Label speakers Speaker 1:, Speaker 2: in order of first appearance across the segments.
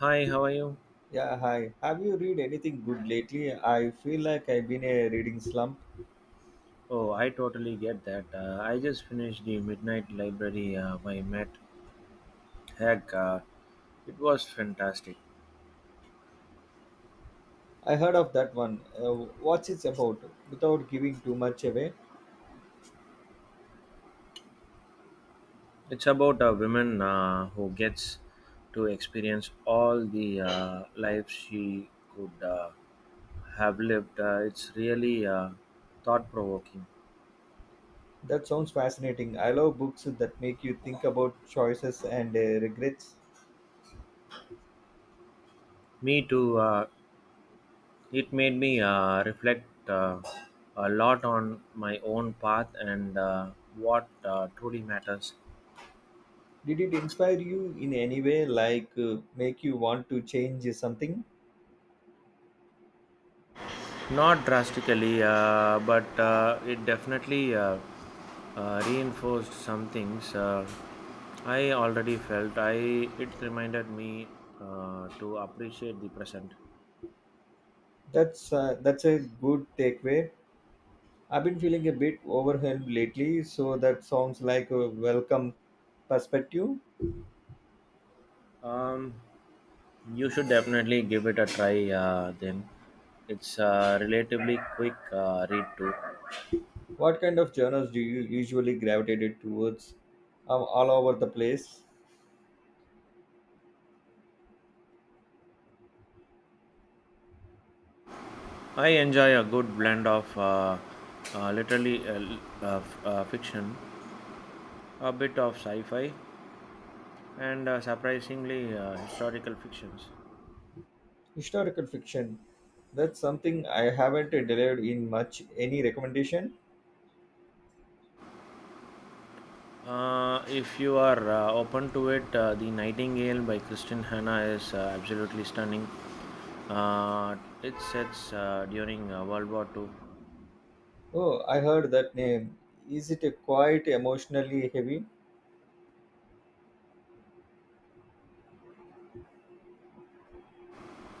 Speaker 1: Hi, how are you?
Speaker 2: Yeah, hi. Have you read anything good lately? I feel like I've been a reading slump.
Speaker 1: Oh, I totally get that. I just finished the Midnight Library by Matt Haig. It was fantastic.
Speaker 2: I heard of that one. What's it about? Without giving too much away.
Speaker 1: It's about a woman who gets to experience all the lives she could have lived. It's really thought provoking.
Speaker 2: That sounds fascinating. I love books that make you think about choices and regrets.
Speaker 1: Me too. It made me reflect a lot on my own path and what truly matters.
Speaker 2: Did it inspire you in any way, like make you want to change something?
Speaker 1: Not drastically, but it definitely reinforced some things I already felt. I It reminded me to appreciate the present.
Speaker 2: That's a good takeaway. I've been feeling a bit overwhelmed lately, so that sounds like a welcome perspective.
Speaker 1: Um, you should definitely give it a try. Then it's a relatively quick read too.
Speaker 2: What kind of genres do you usually gravitate towards? I'm all over the place.
Speaker 1: I enjoy a good blend of literally fiction, a bit of sci-fi, and surprisingly historical fictions.
Speaker 2: Historical fiction. That's something I haven't delivered in much. Any recommendation?
Speaker 1: If you are open to it, The Nightingale by Kristen Hanna is absolutely stunning. Uh, it sets during World War II.
Speaker 2: Oh, I heard that name. Is it a quite emotionally heavy?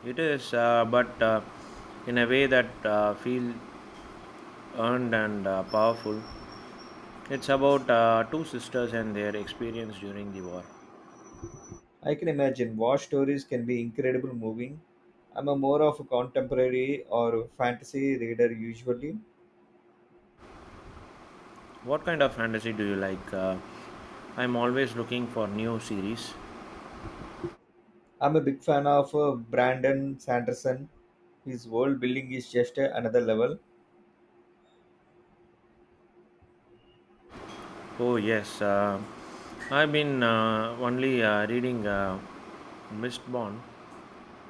Speaker 1: It is, but in a way that feel earned and powerful. It's about two sisters and their experience during the war.
Speaker 2: I can imagine war stories can be incredible moving. I'm a more of a contemporary or fantasy reader usually.
Speaker 1: What kind of fantasy do you like? I'm always looking for new series.
Speaker 2: I'm a big fan of Brandon Sanderson. His world building is just another level.
Speaker 1: Oh yes, I've been only reading Mistborn,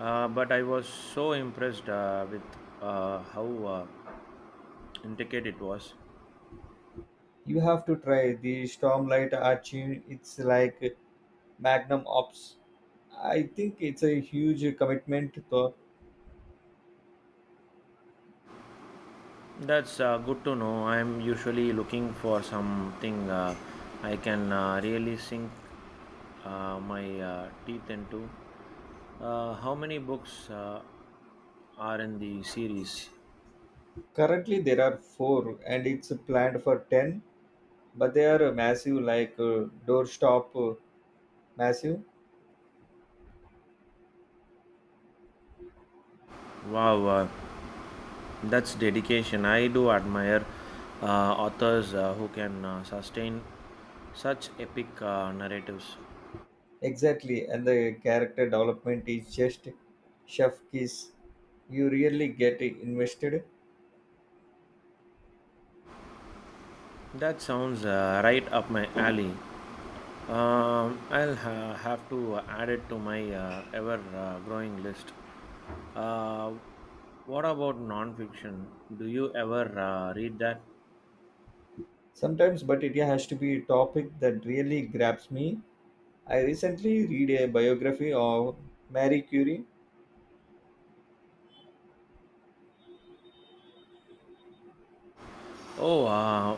Speaker 1: but I was so impressed with how intricate it was.
Speaker 2: You have to try the Stormlight Archie. It's like magnum ops. I think it's a huge commitment. So
Speaker 1: That's good to know. I'm usually looking for something I can really sink my teeth into. How many books are in the series?
Speaker 2: currently there are four, and it's planned for ten. But they are massive, like doorstop massive.
Speaker 1: Wow, that's dedication. I do admire uh, authors who can sustain such epic narratives.
Speaker 2: Exactly, and the character development is just chef kiss. You really get invested
Speaker 1: That sounds right up my alley. Have to add it to my ever growing list. Uh, what about nonfiction? Do you ever read that?
Speaker 2: sometimes, but it has to be a topic that really grabs me. I recently read a biography of Marie Curie.
Speaker 1: Oh,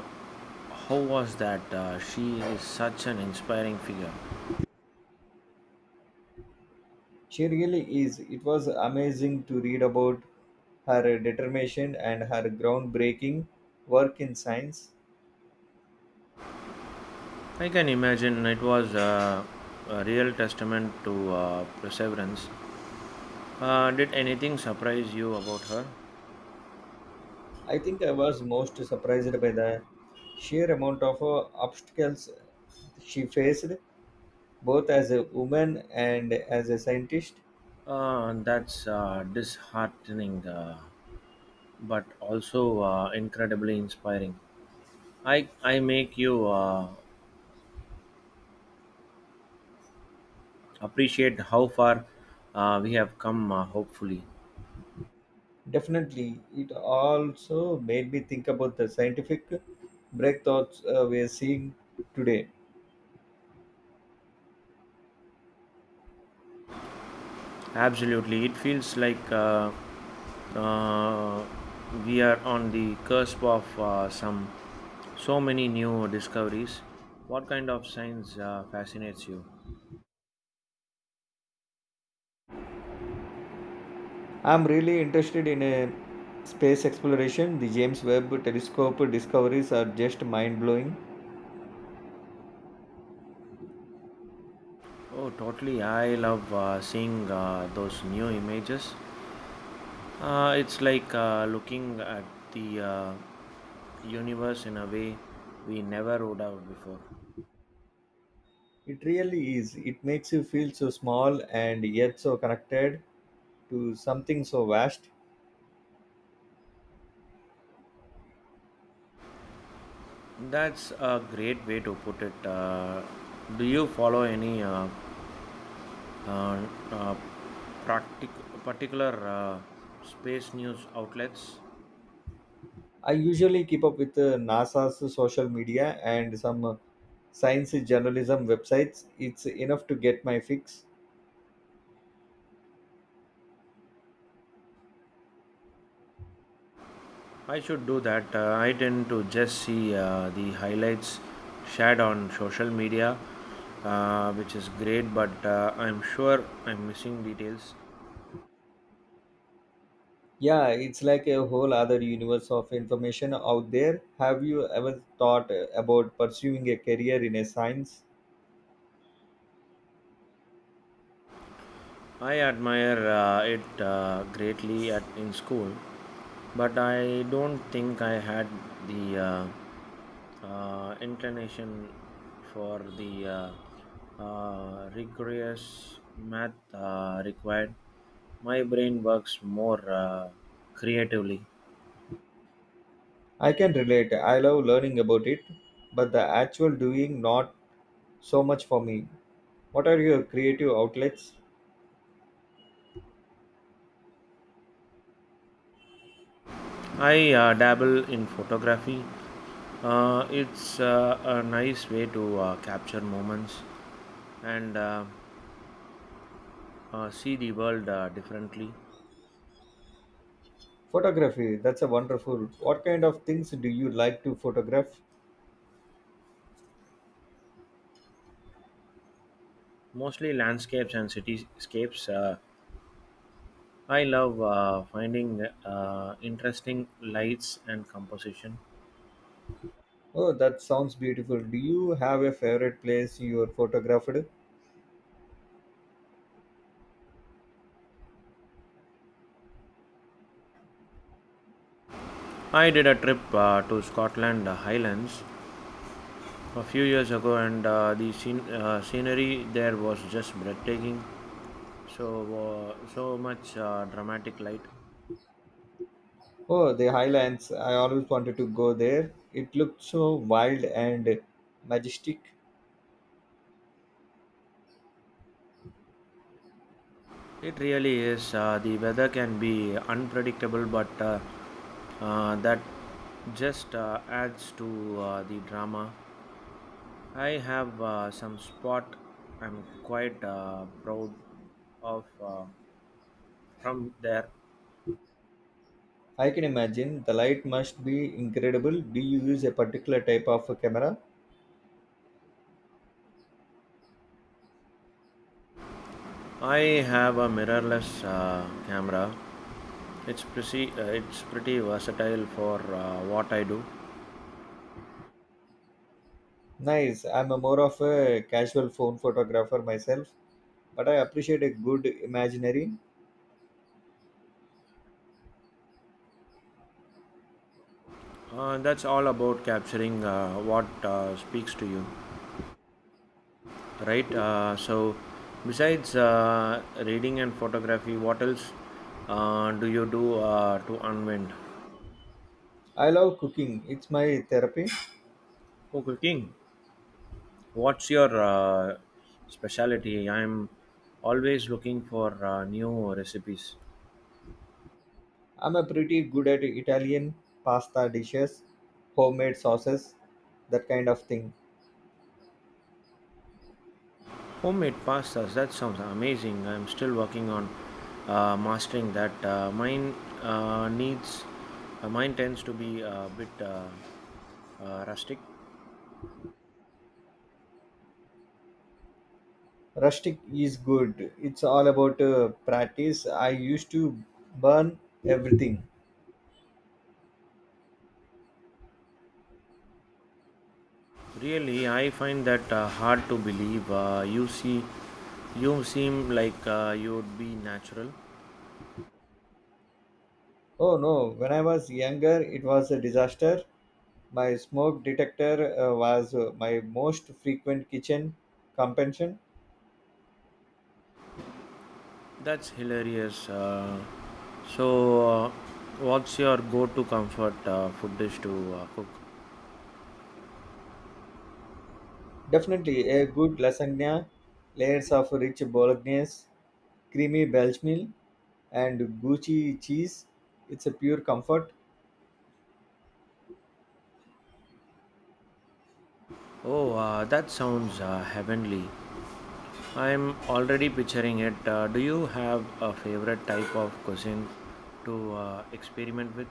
Speaker 1: how was that? She is such an inspiring figure.
Speaker 2: She really is. It was amazing to read about her determination and her groundbreaking work in science.
Speaker 1: I can imagine it was a real testament to perseverance. Did anything surprise you about her?
Speaker 2: I think I was most surprised by the sheer amount of obstacles she faced, both as a woman and as a scientist.
Speaker 1: That's disheartening, but also incredibly inspiring. I make you appreciate how far we have come, hopefully.
Speaker 2: Definitely, it also made me think about the scientific breakthroughs we are seeing today.
Speaker 1: Absolutely. It feels like uh, we are on the cusp of some so many new discoveries. What kind of science fascinates you?
Speaker 2: I'm really interested in space exploration. The James Webb Telescope discoveries are just mind blowing.
Speaker 1: Oh, totally! I love seeing those new images. It's like looking at the universe in a way we never would have before.
Speaker 2: It really is. It makes you feel so small and yet so connected to something so vast.
Speaker 1: That's a great way to put it. Do you follow any uh, uh, practic- particular space news outlets.
Speaker 2: I usually keep up with NASA's social media and some science journalism websites. It's enough to get my fix.
Speaker 1: I should do that. I tend to just see the highlights shared on social media, which is great, but I'm sure I'm missing details.
Speaker 2: Yeah, it's like a whole other universe of information out there. Have you ever thought about pursuing a career in a science?
Speaker 1: I admire it greatly in school, but I don't think I had the inclination for the rigorous math required, my brain works more creatively.
Speaker 2: I can relate. I love learning about it, but the actual doing not so much for me. What are your creative outlets?
Speaker 1: I dabble in photography. It's a nice way to capture moments and see the world differently.
Speaker 2: Photography. That's a wonderful. What kind of things do you like to photograph?
Speaker 1: Mostly landscapes and cityscapes. I love finding interesting lights and composition.
Speaker 2: Oh, that sounds beautiful. Do you have a favorite place you are photographed?
Speaker 1: I did a trip to Scotland Highlands a few years ago, and the scenery there was just breathtaking. So, so much dramatic light.
Speaker 2: Oh, the highlands. I always wanted to go there. It looked so wild and majestic.
Speaker 1: It really is. The weather can be unpredictable, but that just adds to the drama. I have some spot I'm quite proud of from there.
Speaker 2: I can imagine the light must be incredible. Do you use a particular type of a camera?
Speaker 1: I have a mirrorless camera. It's it's pretty versatile for what I do.
Speaker 2: Nice. I'm a more of a casual phone photographer myself, but I appreciate a good imaginary.
Speaker 1: That's all about capturing what speaks to you, right? So, besides reading and photography, what else do you do to unwind?
Speaker 2: I love cooking. It's my therapy.
Speaker 1: Oh, cooking. What's your specialty? I'm always looking for new recipes.
Speaker 2: I'm a pretty good at Italian pasta dishes, homemade sauces, that kind of thing.
Speaker 1: Homemade pastas, that sounds amazing. I'm still working on mastering that. Uh, needs, uh, mine tends to be a bit rustic.
Speaker 2: Rustic is good. It's all about practice. I used to burn everything.
Speaker 1: Really, I find that hard to believe. You see, you seem like you'd be natural.
Speaker 2: Oh no, when I was younger, it was a disaster. My smoke detector was my most frequent kitchen companion.
Speaker 1: That's hilarious. So, uh, what's your go to comfort food dish to cook?
Speaker 2: Definitely a good lasagna, layers of rich bolognese, creamy bechamel, and Gucci cheese. It's a pure comfort.
Speaker 1: Oh, that sounds heavenly. I'm already picturing it. Do you have a favorite type of cuisine to experiment with?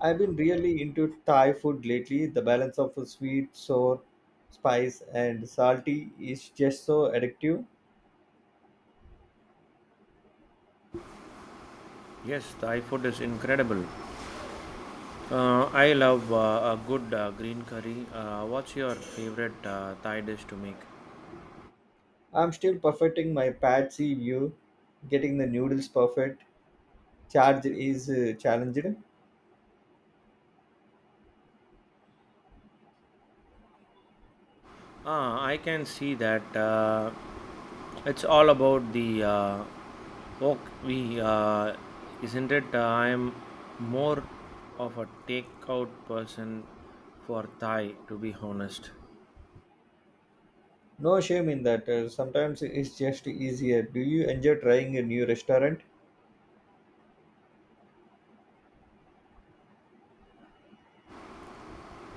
Speaker 2: I've been really into Thai food lately. The balance of sweet, sour, spice, and salty is just so addictive.
Speaker 1: Yes, Thai food is incredible. I love a good green curry. What's your favorite Thai dish to make?
Speaker 2: I'm still perfecting my patsy view, getting the noodles perfect. Charge is challenged.
Speaker 1: Ah, I can see that it's all about the wok we isn't it? I'm more of a takeout person for Thai, to be honest.
Speaker 2: No shame in that. Sometimes it's just easier. Do you enjoy trying a new restaurant?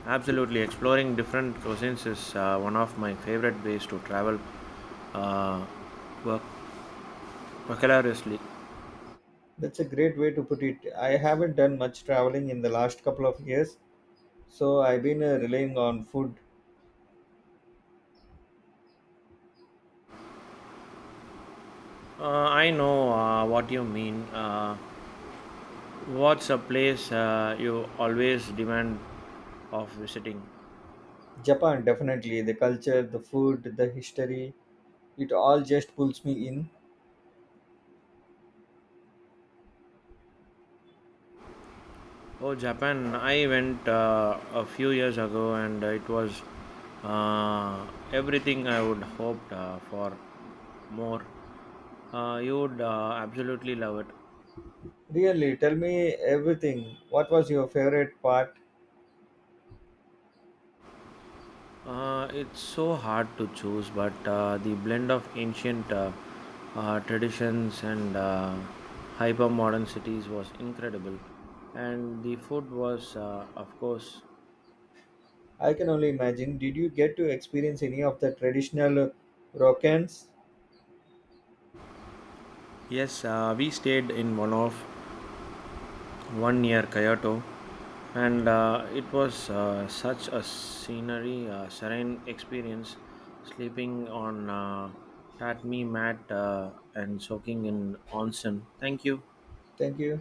Speaker 1: Absolutely, exploring different cuisines is one of my favorite ways to travel uh, work- vicariously.
Speaker 2: That's a great way to put it. I haven't done much traveling in the last couple of years, so I've been relying on food.
Speaker 1: I know what you mean. What's a place you always demand of visiting?
Speaker 2: Japan, definitely. The culture, the food, the history, it all just pulls me in.
Speaker 1: Oh, Japan. I went a few years ago and it was everything I would hoped for more. You would absolutely love it.
Speaker 2: Really, tell me everything. What was your favorite part?
Speaker 1: It's so hard to choose, but the blend of ancient traditions and hyper modern cities was incredible. And the food was, of course,
Speaker 2: I can only imagine. Did you get to experience any of the traditional rockans?
Speaker 1: yes, we stayed in one near Kyoto, and it was such a serene experience sleeping on tatami mat and soaking in onsen. Thank you.
Speaker 2: Thank you.